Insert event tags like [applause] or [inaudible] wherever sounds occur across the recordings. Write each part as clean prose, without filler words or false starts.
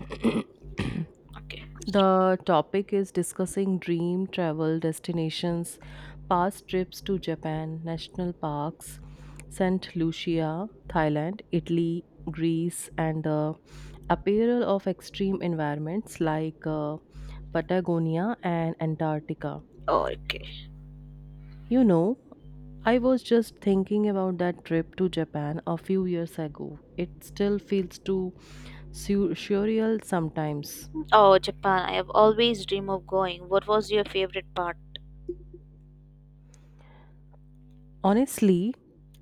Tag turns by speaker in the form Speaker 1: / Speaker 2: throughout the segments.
Speaker 1: [coughs] [clears throat]
Speaker 2: Okay.
Speaker 1: The topic is discussing dream travel destinations, past trips to Japan, national parks, St. Lucia, Thailand, Italy, Greece, and the apparel of extreme environments like Patagonia and Antarctica.
Speaker 2: Oh, okay.
Speaker 1: You know, I was just thinking about that trip to Japan a few years ago. It still feels too surreal sometimes.
Speaker 2: Oh, Japan. I have always dreamed of going. What was your favorite part?
Speaker 1: Honestly,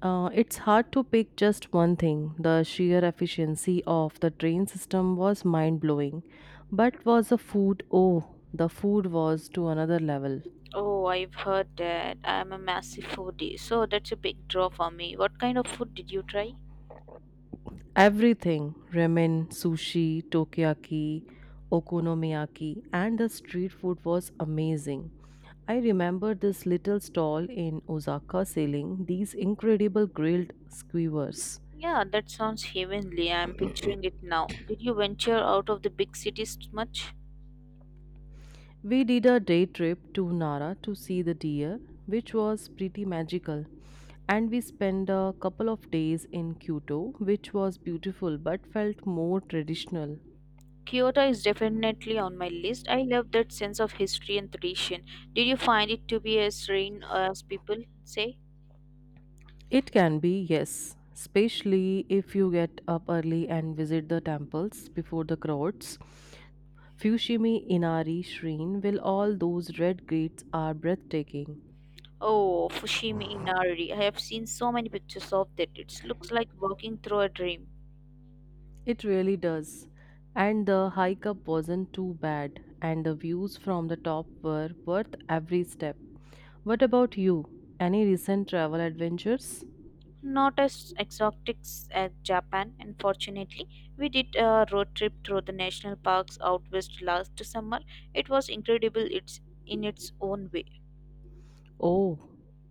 Speaker 1: it's hard to pick just one thing. The sheer efficiency of the train system was mind blowing. But was the food? Oh, the food was to another level.
Speaker 2: Oh, I've heard that. I'm a massive foodie, so that's a big draw for me. What kind of food did you try?
Speaker 1: Everything ramen, sushi, takoyaki, okonomiyaki, and the street food was amazing. I remember this little stall in Osaka selling these incredible grilled skewers.
Speaker 2: Yeah, that sounds heavenly. I'm picturing it now. Did you venture out of the big cities much?
Speaker 1: We did a day trip to Nara to see the deer, which was pretty magical. And we spent a couple of days in Kyoto, which was beautiful but felt more traditional.
Speaker 2: Kyoto is definitely on my list. I love that sense of history and tradition. Did you find it to be as serene as people say?
Speaker 1: It can be, yes, especially if you get up early and visit the temples before the crowds. Fushimi Inari Shrine, will all those red gates are breathtaking.
Speaker 2: Oh, Fushimi Inari. I have seen so many pictures of that. It looks like walking through a dream.
Speaker 1: It really does. And the hike up wasn't too bad, and the views from the top were worth every step. What about you? Any recent travel adventures?
Speaker 2: Not as exotic as Japan, unfortunately. We did a road trip through the national parks out west last summer. It was incredible it's in its own way.
Speaker 1: Oh,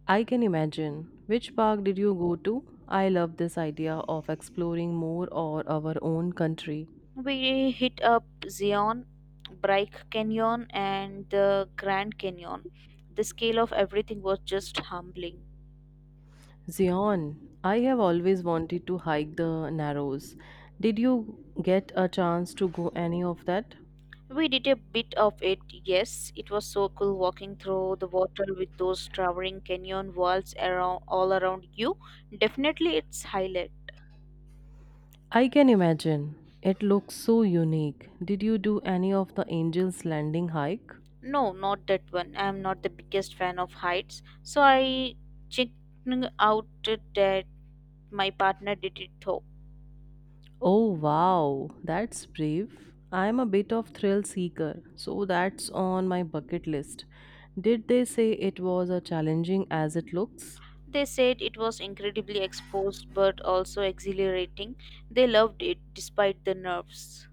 Speaker 1: I can imagine. Which park did you go to? I love this idea of exploring more or our own country.
Speaker 2: We hit up Zion, Bright Canyon, and the Grand Canyon. The scale of everything was just humbling.
Speaker 1: Zion, I have always wanted to hike the Narrows. Did you get a chance to go any of that?
Speaker 2: We did a bit of it, yes. It was so cool walking through the water with those towering canyon walls around all around you. Definitely its highlight.
Speaker 1: I can imagine. It looks so unique. Did you do any of the Angel's Landing hike?
Speaker 2: No, not that one. I am not the biggest fan of heights, so I checked out that my partner did it though.
Speaker 1: Oh wow, that's brave. I'm a bit of thrill seeker, so that's on my bucket list. Did they say it was as challenging as it looks?
Speaker 2: They said it was incredibly exposed but also exhilarating. They loved it despite the nerves.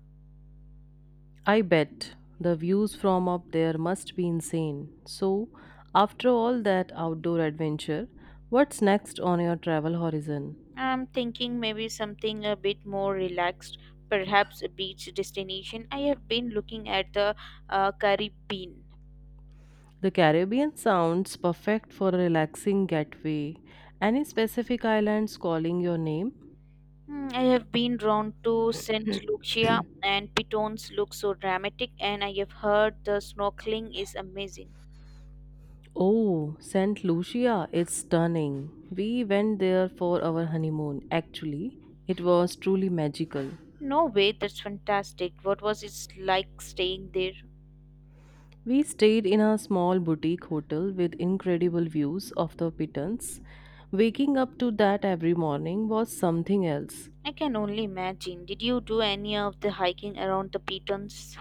Speaker 1: I bet the views from up there must be insane. So, after all that outdoor adventure, what's next on your travel horizon?
Speaker 2: I'm thinking maybe something a bit more relaxed, perhaps a beach destination. I have been looking at the Caribbean.
Speaker 1: The Caribbean sounds perfect for a relaxing getaway. Any specific islands calling your name?
Speaker 2: Hmm, I have been drawn to Saint Lucia, and pitons look so dramatic, and I have heard the snorkeling is amazing.
Speaker 1: Oh, St. Lucia is stunning. We went there for our honeymoon. Actually, it was truly magical.
Speaker 2: No way, that's fantastic. What was it like staying there?
Speaker 1: We stayed in a small boutique hotel with incredible views of the Pitons. Waking up to that every morning was something else.
Speaker 2: I can only imagine. Did you do any of the hiking around the pitons?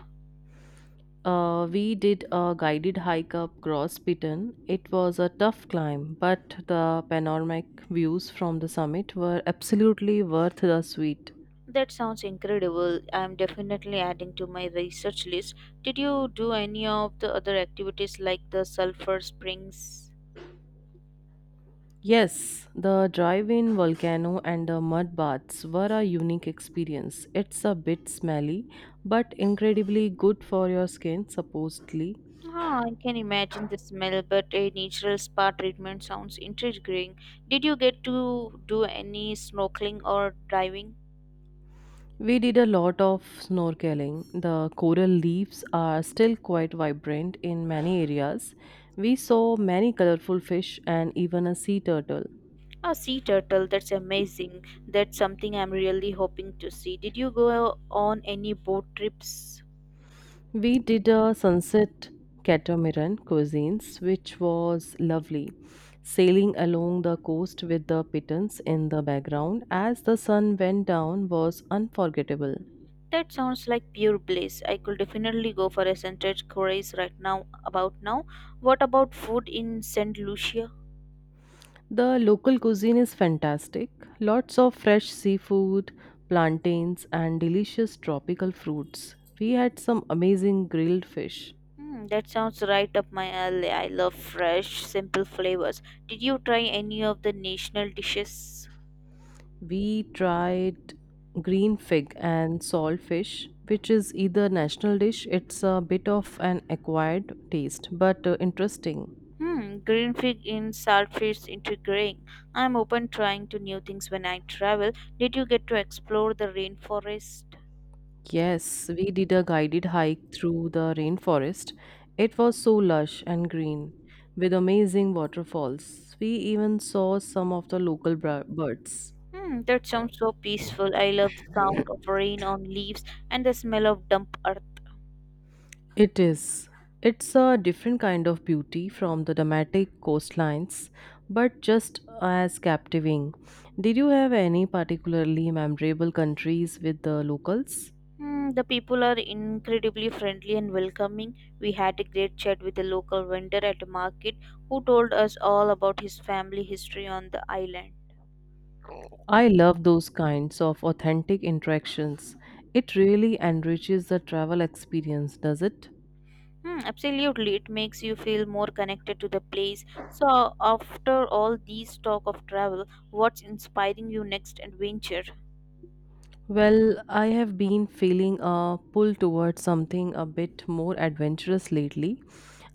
Speaker 1: We did a guided hike up Gross Piton. It was a tough climb, but the panoramic views from the summit were absolutely worth the sweet.
Speaker 2: That sounds incredible. I'm definitely adding to my research list. Did you do any of the other activities like the sulfur springs?
Speaker 1: Yes, the drive-in volcano and the mud baths were a unique experience. It's a bit smelly, but incredibly good for your skin, supposedly.
Speaker 2: Ah, I can imagine the smell, but a natural spa treatment sounds intriguing. Did you get to do any snorkeling or diving?
Speaker 1: We did a lot of snorkeling. The coral reefs are still quite vibrant in many areas. We saw many colorful fish and even a sea turtle.
Speaker 2: A sea turtle, that's amazing. That's something I'm really hoping to see. Did you go on any boat trips?
Speaker 1: We did a sunset catamaran cuisines, which was lovely. Sailing along the coast with the pitons in the background as the sun went down was unforgettable.
Speaker 2: That sounds like pure bliss. I could definitely go for a sunset cruise right now. About now, what about food in Saint Lucia?
Speaker 1: The local cuisine is fantastic. Lots of fresh seafood, plantains, and delicious tropical fruits. We had some amazing grilled fish.
Speaker 2: Hmm, that sounds right up my alley. I love fresh, simple flavors. Did you try any of the national dishes?
Speaker 1: We tried green fig and salt fish, which is either national dish. It's a bit of an acquired taste, but interesting.
Speaker 2: Hmm, green fig in saltfish, fish intriguing. I'm open trying to new things when I travel. Did you get to explore the rainforest?
Speaker 1: Yes, we did a guided hike through the rainforest. It was so lush and green with amazing waterfalls. We even saw some of the local birds.
Speaker 2: Hmm, that sounds so peaceful. I love the sound of rain on leaves and the smell of damp.
Speaker 1: It is. It's a different kind of beauty from the dramatic coastlines, but just as captivating. Did you have any particularly memorable countries with the locals?
Speaker 2: Mm, the people are incredibly friendly and welcoming. We had a great chat with a local vendor at a market who told us all about his family history on the island.
Speaker 1: I love those kinds of authentic interactions. It really enriches the travel experience, does it?
Speaker 2: Hmm, absolutely, it makes you feel more connected to the place. So, after all these talk of travel, what's inspiring you next adventure?
Speaker 1: Well, I have been feeling a pull towards something a bit more adventurous lately.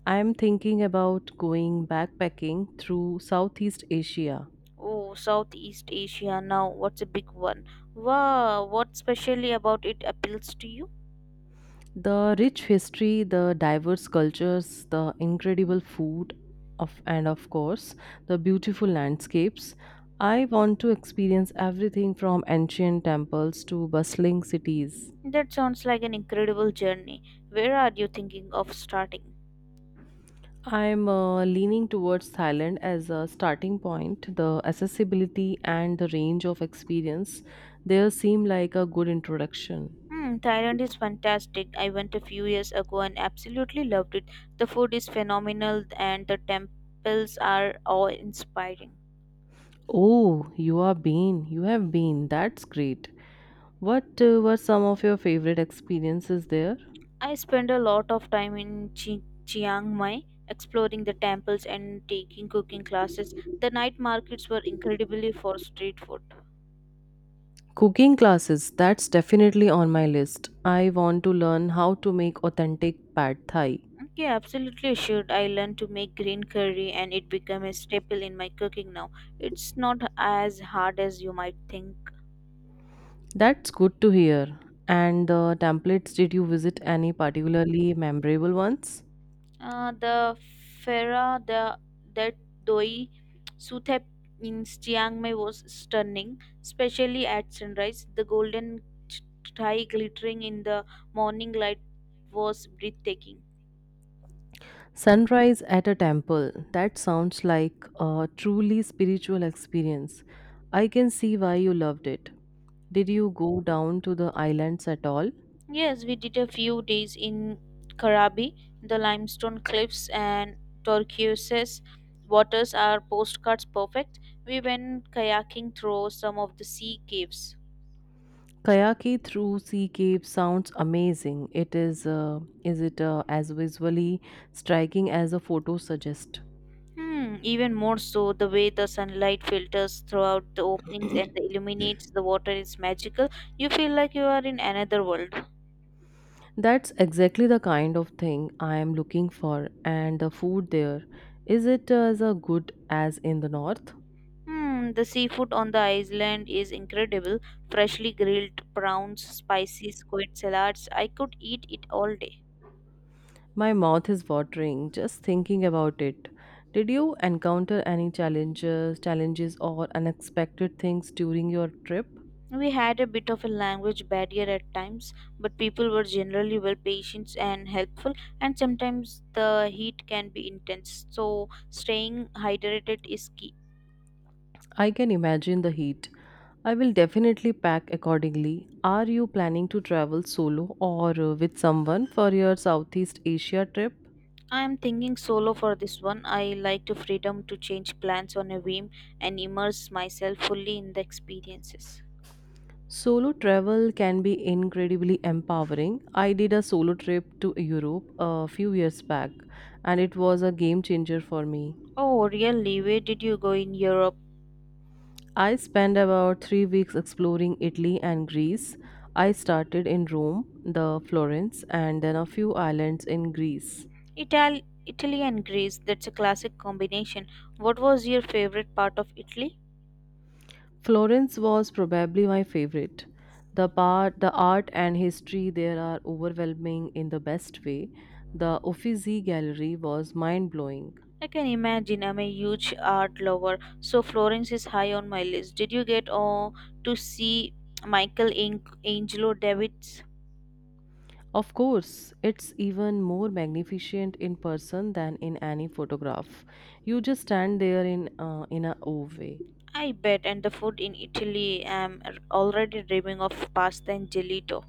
Speaker 1: I am thinking about going backpacking through Southeast Asia.
Speaker 2: Oh, Southeast Asia now. What's a big one? Wow, what specially about it appeals to you?
Speaker 1: The rich history, the diverse cultures, the incredible food, of, and of course, the beautiful landscapes. I want to experience everything from ancient temples to bustling cities.
Speaker 2: That sounds like an incredible journey. Where are you thinking of starting?
Speaker 1: I'm leaning towards Thailand as a starting point. The accessibility and the range of experience there seem like a good introduction.
Speaker 2: Hmm, Thailand is fantastic. I went a few years ago and absolutely loved it. The food is phenomenal and the temples are awe-inspiring.
Speaker 1: Oh, you are been. You have been. That's great. What were some of your favorite experiences there?
Speaker 2: I spent a lot of time in Chiang Mai exploring the temples and taking cooking classes. The night markets were incredibly for street food.
Speaker 1: Cooking classes, that's definitely on my list. I want to learn how to make authentic pad thai.
Speaker 2: Okay, absolutely should. I learned to make green curry and it became a staple in my cooking now. It's not as hard as you might think.
Speaker 1: That's good to hear. And the templates, did you visit any particularly memorable ones?
Speaker 2: The Fera the, that Doi Suthep in Chiang Mai was stunning, especially at sunrise. The golden ch- thai glittering in the morning light was breathtaking.
Speaker 1: Sunrise at a temple. That sounds like a truly spiritual experience. I can see why you loved it. Did you go down to the islands at all?
Speaker 2: Yes, we did a few days in Karabi. The limestone cliffs and turquoise waters are postcards perfect. We went kayaking through some of the sea caves.
Speaker 1: Kayaki through sea cave sounds amazing. It is it as visually striking as the photos suggest?
Speaker 2: Hmm, even more so, the way the sunlight filters throughout the openings and illuminates the water is magical. You feel like you are in another world.
Speaker 1: That's exactly the kind of thing I am looking for, and the food there, is it as good as in the north?
Speaker 2: Hmm, the seafood on the island is incredible. Freshly grilled prawns, spicy squid salads. I could eat it all day.
Speaker 1: My mouth is watering just thinking about it. Did you encounter any challenges or unexpected things during your trip?
Speaker 2: We had a bit of a language barrier at times, but people were generally well patient and helpful, and sometimes the heat can be intense, so staying hydrated is key.
Speaker 1: I can imagine the heat. I will definitely pack accordingly. Are you planning to travel solo or with someone for your Southeast Asia trip?
Speaker 2: I am thinking solo for this one. I like the freedom to change plans on a whim and immerse myself fully in the experiences.
Speaker 1: Solo travel can be incredibly empowering. I did a solo trip to Europe a few years back, and it was a game changer for me.
Speaker 2: Oh, really? Where did you go in Europe?
Speaker 1: I spent about 3 weeks exploring Italy and Greece. I started in Rome, the Florence, and then a few islands in Greece.
Speaker 2: Italy and Greece. That's a classic combination. What was your favorite part of Italy?
Speaker 1: Florence was probably my favorite. The art and history there are overwhelming in the best way. The Uffizi Gallery was mind-blowing.
Speaker 2: I can imagine. I'm a huge art lover, so Florence is high on my list. Did you get oh, to see Michelangelo Davids?
Speaker 1: Of course, it's even more magnificent in person than in any photograph. You just stand there in a awe way.
Speaker 2: I bet, and the food in Italy. I'm already dreaming of pasta and gelato.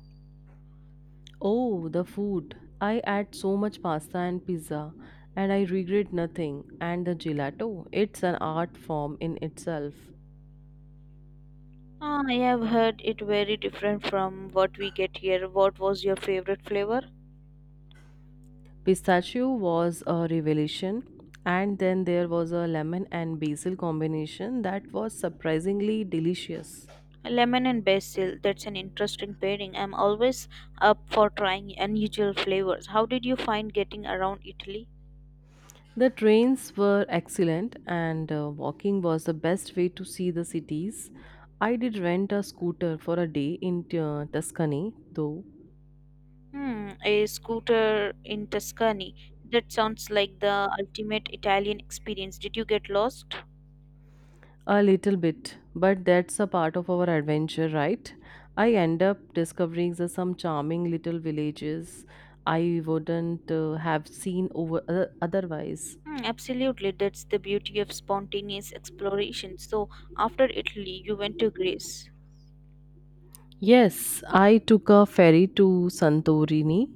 Speaker 1: Oh, the food! I ate so much pasta and pizza, and I regret nothing. And the gelato, it's an art form in itself.
Speaker 2: Ah, I have heard it very different from what we get here. What was your favorite flavor?
Speaker 1: Pistachio was a revelation, and then there was a lemon and basil combination that was surprisingly delicious.
Speaker 2: Lemon and basil. That's an interesting pairing. I'm always up for trying unusual flavors. How did you find getting around Italy?
Speaker 1: The trains were excellent, and walking was the best way to see the cities. I did rent a scooter for a day in Tuscany, though.
Speaker 2: Hmm, a scooter in Tuscany. That sounds like the ultimate Italian experience. Did you get lost?
Speaker 1: A little bit, but that's a part of our adventure, right? I end up discovering some charming little villages I wouldn't have seen over otherwise.
Speaker 2: Hmm, absolutely. That's the beauty of spontaneous exploration. So, after Italy, you went to Greece.
Speaker 1: Yes, I took a ferry to Santorini.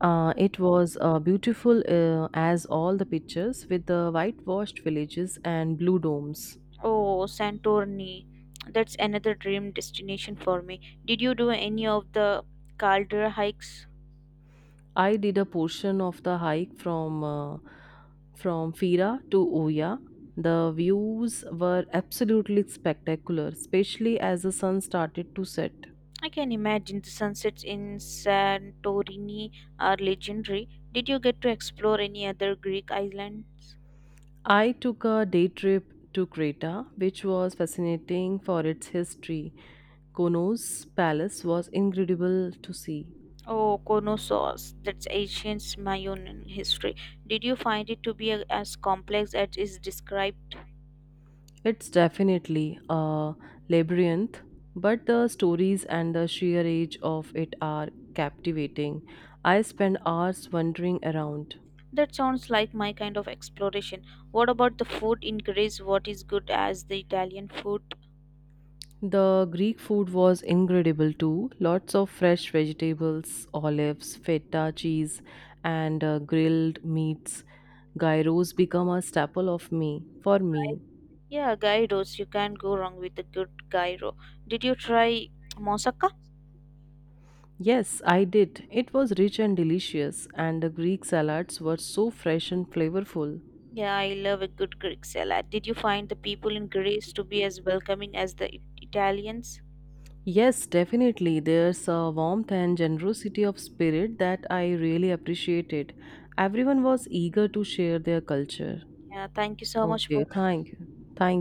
Speaker 1: It was beautiful as all the pictures with the whitewashed villages and blue domes.
Speaker 2: Oh, Santorini. That's another dream destination for me. Did you do any of the caldera hikes?
Speaker 1: I did a portion of the hike from Fira to Oya. The views were absolutely spectacular, especially as the sun started to set.
Speaker 2: I can imagine the sunsets in Santorini are legendary. Did you get to explore any other Greek island?
Speaker 1: I took a day trip to Creta, which was fascinating for its history. Kono's palace was incredible to see.
Speaker 2: Oh, Konossos. That's ancient Mayan history. Did you find it to be as complex as is described?
Speaker 1: It's definitely a labyrinth, but the stories and the sheer age of it are captivating. I spent hours wandering around.
Speaker 2: That sounds like my kind of exploration. What about the food in Greece? What is good as the Italian food?
Speaker 1: The Greek food was incredible too. Lots of fresh vegetables, olives, feta cheese, and grilled meats. Gyros become a staple of me for me.
Speaker 2: Yeah, gyros. You can't go wrong with a good gyro. Did you try moussaka?
Speaker 1: Yes, I did. It was rich and delicious, and the Greek salads were so fresh and flavorful.
Speaker 2: Yeah, I love a good Greek salad. Did you find the people in Greece to be as welcoming as the Italians?
Speaker 1: Yes, definitely. There's a warmth and generosity of spirit that I really appreciated. Everyone was eager to share their culture.
Speaker 2: Yeah, thank you so much
Speaker 1: Okay,
Speaker 2: for
Speaker 1: thank you. Thank